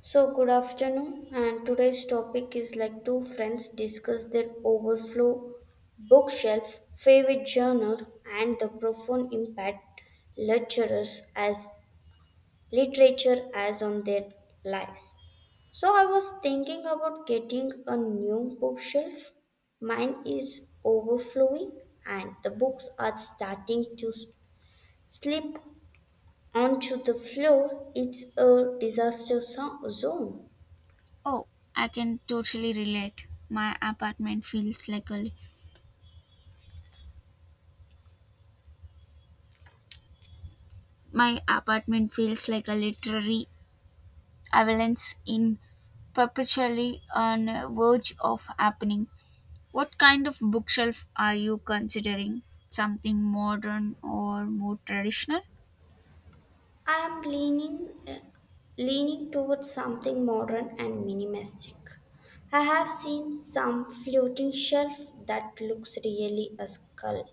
So, good afternoon, and today's topic is like two friends discuss their overflow bookshelf, favorite genre, and the profound impact lecturers as literature has on their lives. So, I was thinking about getting a new bookshelf. Mine is overflowing, and the books are starting to slip onto the floor. It's a disaster zone. Oh, I can totally relate. My apartment feels like a literary avalanche in perpetually on a verge of happening. What kind of bookshelf are you considering? Something modern or more traditional? I am leaning towards something modern and minimalistic. I have seen some floating shelf that looks really a skull,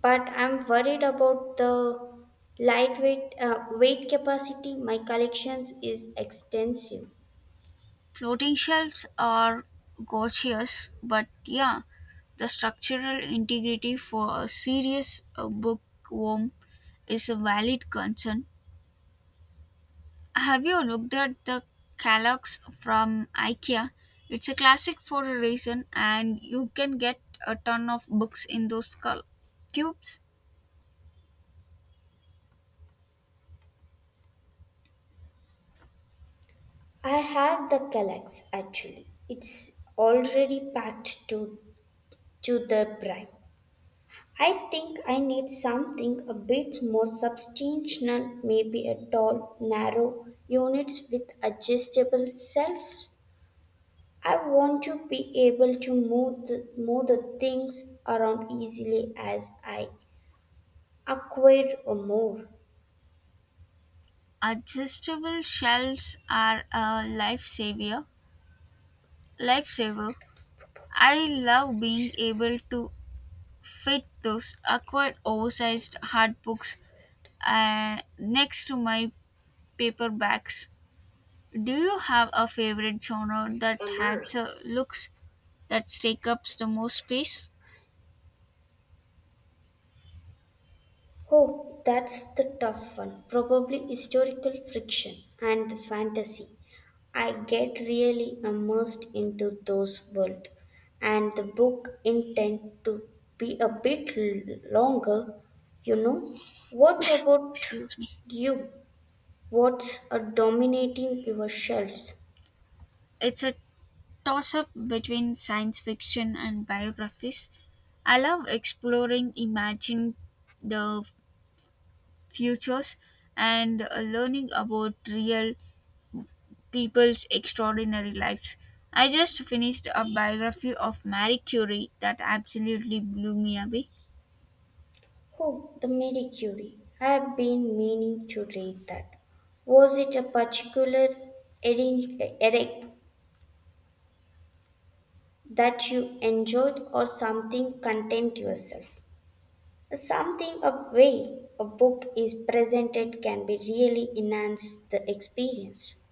but I'm worried about the lightweight weight capacity. My collections is extensive. Floating shelves are gorgeous, but yeah, the structural integrity for a serious bookworm is a valid concern. Have you looked at the Kallax from IKEA? It's a classic for a reason, and you can get a ton of books in those cubes. I have the Kallax actually. It's already packed to the brim. I think I need something a bit more substantial, maybe a tall, narrow units with adjustable shelves. I want to be able to move the things around easily as I acquire more. Adjustable shelves are a lifesaver. Lifesaver. I love being able to fit those awkward, oversized hard books next to my paperbacks. Do you have a favorite genre that has Immersed. looks that take up the most space? Oh, that's the tough one. Probably historical friction and the fantasy. I get really immersed into those worlds, and the book intend to be a bit longer, you know. What about Excuse me. you? What's a dominating your shelves? It's a toss up between science fiction and biographies. I love exploring, imagining the futures, and learning about real people's extraordinary lives. I just finished a biography of Marie Curie that absolutely blew me away. Oh, the Marie Curie. I've been meaning to read that. Was it a particular edi- edi- that you enjoyed or something content yourself. Something a way a book is presented can be really enhance the experience.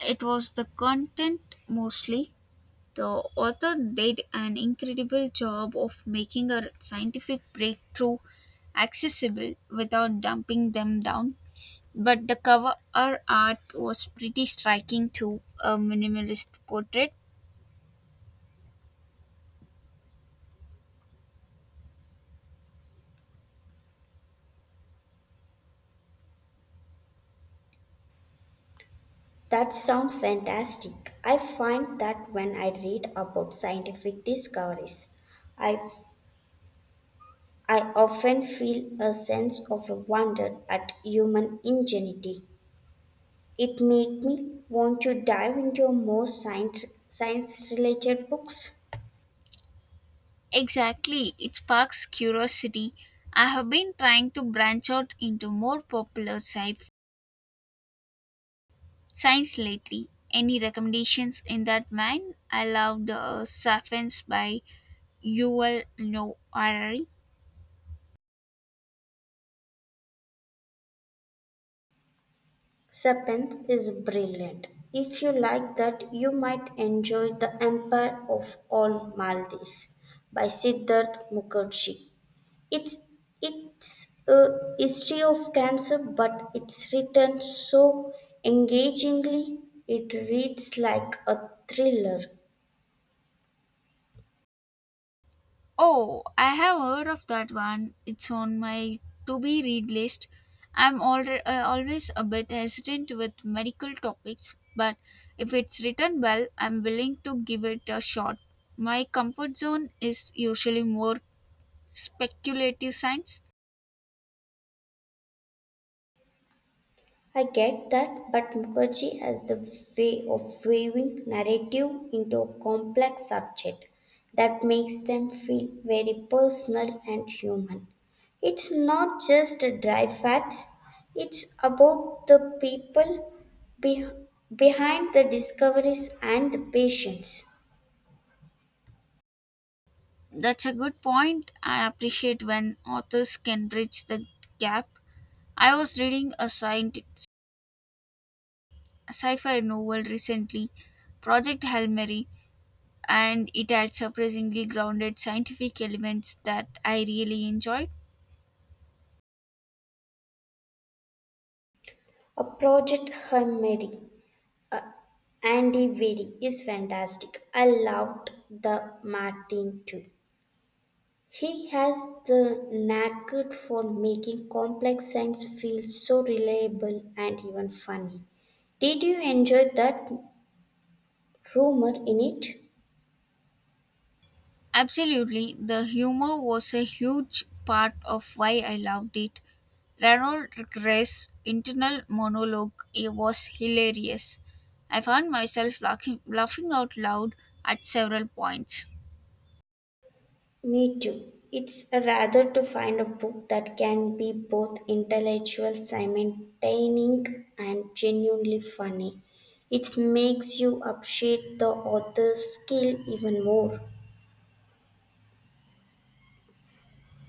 It was the content mostly. The author did an incredible job of making a scientific breakthrough accessible without dumping them down. But the cover art was pretty striking too, a minimalist portrait. That sounds fantastic. I find that when I read about scientific discoveries, I I often feel a sense of wonder at human ingenuity. It makes me want to dive into more science related books. Exactly, it sparks curiosity. I have been trying to branch out into more popular science lately. Any recommendations in that mind? I love the Sapiens by Yuval Noah Harari. Seventh is brilliant. If you like that, you might enjoy The Empire of All Maldives by Siddharth Mukherjee. It's it's a history of cancer, but it's written so engagingly it reads like a thriller. Oh, I have heard of that one. It's on my to be read list. Always a bit hesitant with medical topics, but if it's written well, I'm willing to give it a shot. My comfort zone is usually more speculative science. I get that, but Mukherjee has the way of weaving narrative into a complex subject that makes them feel very personal and human. It's not just a dry facts, it's about the people be- behind the discoveries and the patience. That's a good point. I appreciate when authors can bridge the gap. I was reading a sci-fi novel recently, Project Hail Mary, and it had surprisingly grounded scientific elements that I really enjoyed. A project Hermedy. uh, Andy Weary is fantastic. I loved the Martin too. He has the knack for making complex science feel so reliable and even funny. Did you enjoy that rumor in it? Absolutely, the humor was a huge part of why I loved it. Ronald Gray's internal monologue, it was hilarious. I found myself laughing out loud at several points. Me too. It's rather to find a book that can be both intellectual, simultaneous, and genuinely funny. It makes you appreciate the author's skill even more.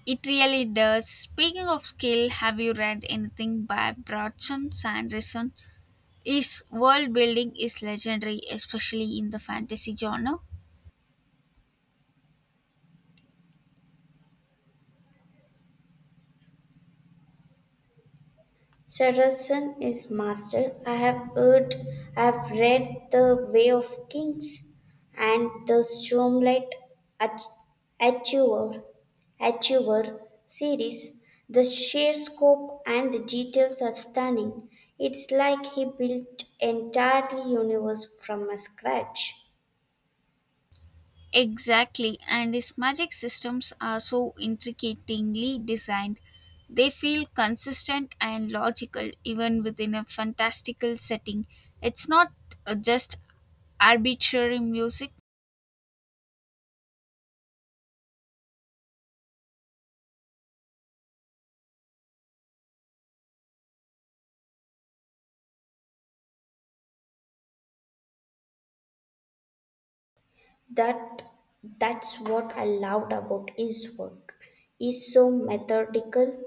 It really does. Speaking of skill, have you read anything by Brodson Sanderson? His world building is legendary, especially in the fantasy genre. Saracen is master. I have heard, I have read The Way of Kings and the Stormlight Ach- Achiever, Achiever series. The sheer scope and the details are stunning. It's like he built entirely universe from a scratch. Exactly, and his magic systems are so intricately designed. They feel consistent and logical even within a fantastical setting. It's not just arbitrary music. That that's what I loved about his work. He's so methodical.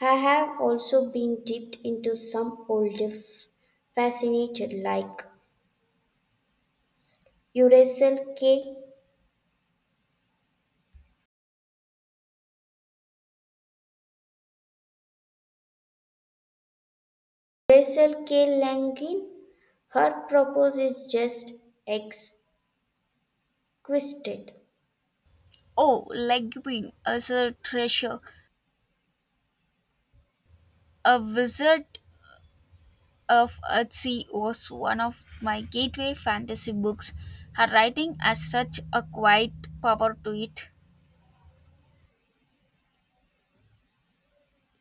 I have also been dipped into some fascinated like Uracell K. Uracell K. Langin. Her purpose is just exquisite. Oh, Leguin as a treasure. A Wizard of Earthsea was one of my gateway fantasy books. Her writing has such a quiet power to it.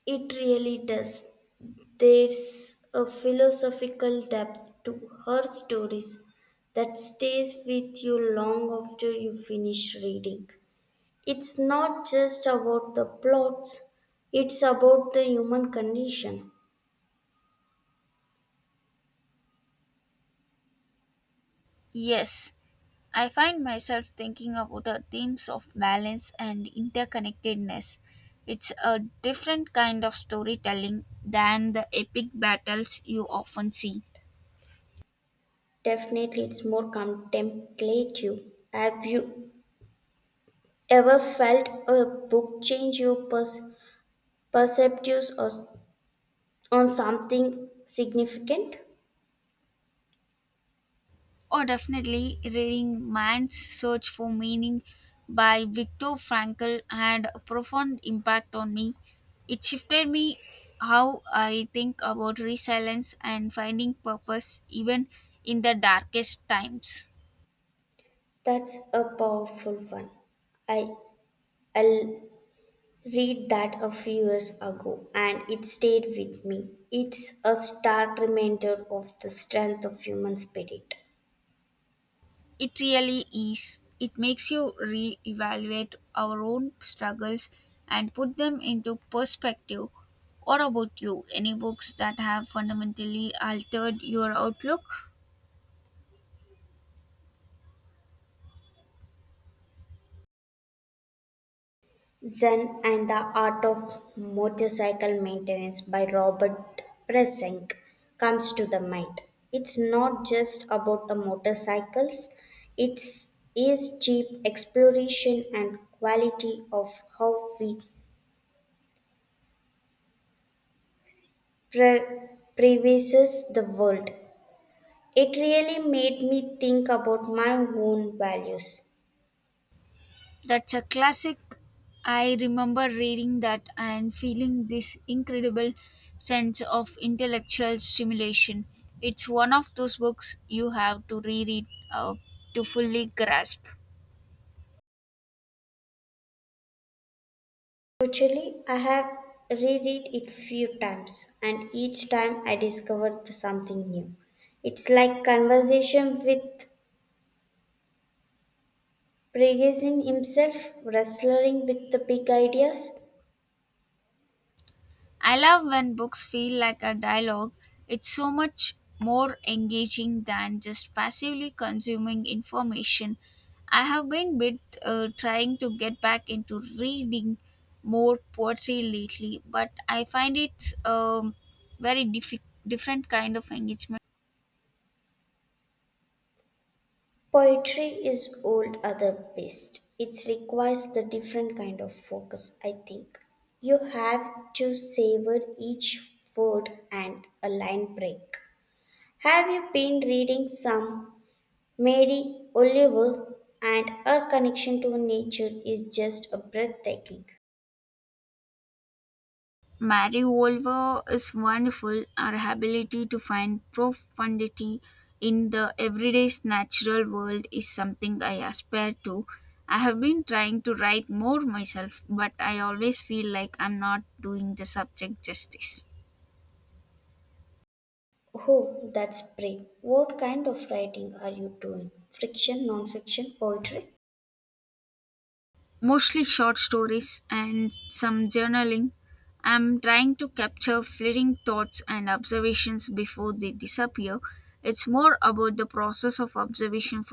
It really does. There's a philosophical depth to her stories that stays with you long after you finish reading. It's not just about the plots, it's about the human condition. Yes, I find myself thinking about the themes of balance and interconnectedness. It's a different kind of storytelling than the epic battles you often see. Definitely, it's more contemplative. Have you ever felt a book change your perspectives or on something significant? Or definitely reading Man's Search for Meaning by Viktor Frankl had a profound impact on me. It shifted me how I think about resilience and finding purpose even in the darkest times. That's a powerful one. I I read that a few years ago, and it stayed with me. It's a stark reminder of the strength of human spirit. It really is. It makes you re evaluate our own struggles and put them into perspective. What about you? Any books that have fundamentally altered your outlook? Zen and the Art of Motorcycle Maintenance by Robert Presink comes to the mind. It's not just about the motorcycles, it's is deep exploration and quality of how we pre- previses the world. It really made me think about my own values. That's a classic. I remember reading that and feeling this incredible sense of intellectual stimulation. It's one of those books you have to reread uh, to fully grasp. Actually, I have reread it few times and each time I discover something new. It's like conversation with Prigazin himself wrestling with the big ideas. I love when books feel like a dialogue. It's so much more engaging than just passively consuming information. I have been bit trying to get back into reading more poetry lately, but I find it's very different kind of engagement. Poetry is old other best. It requires the different kind of focus, I think. You have to savor each word and a line break. Have you been reading some Mary Oliver and her connection to nature is just a breathtaking. Marivolva is wonderful. Our ability to find profundity in the everyday's natural world is something I aspire to. I have been trying to write more myself, but I always feel like I'm not doing the subject justice. Oh, that's brave. What kind of writing are you doing? Friction, non-fiction, poetry? Mostly short stories and some journaling. I'm trying to capture fleeting thoughts and observations before they disappear. It's more about the process of observation.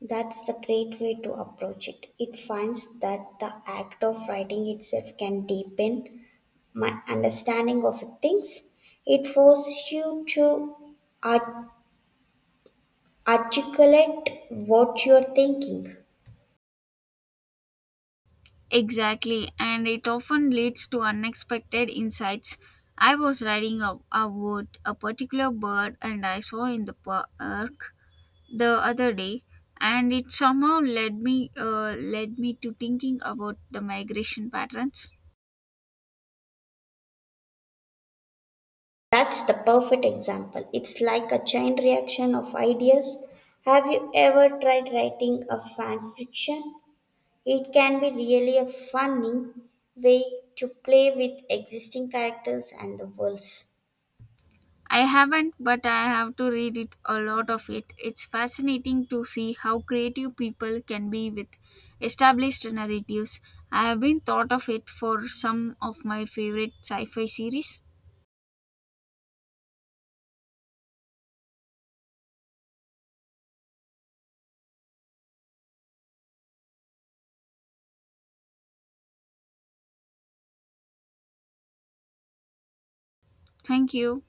That's the great way to approach it. It finds that the act of writing itself can deepen my understanding of things. It forces you to art- articulate what you're thinking. Exactly, and it often leads to unexpected insights. I was riding a wood, a particular bird, and I saw in the park the other day, and it somehow led me to thinking about the migration patterns. That's the perfect example. It's like a chain reaction of ideas. Have you ever tried writing a fan fiction? It can be really a funny way to play with existing characters and the worlds. I haven't, but I have to read it a lot of it. It's fascinating to see how creative people can be with established narratives. I have been thought of it for some of my favorite sci-fi series. Thank you.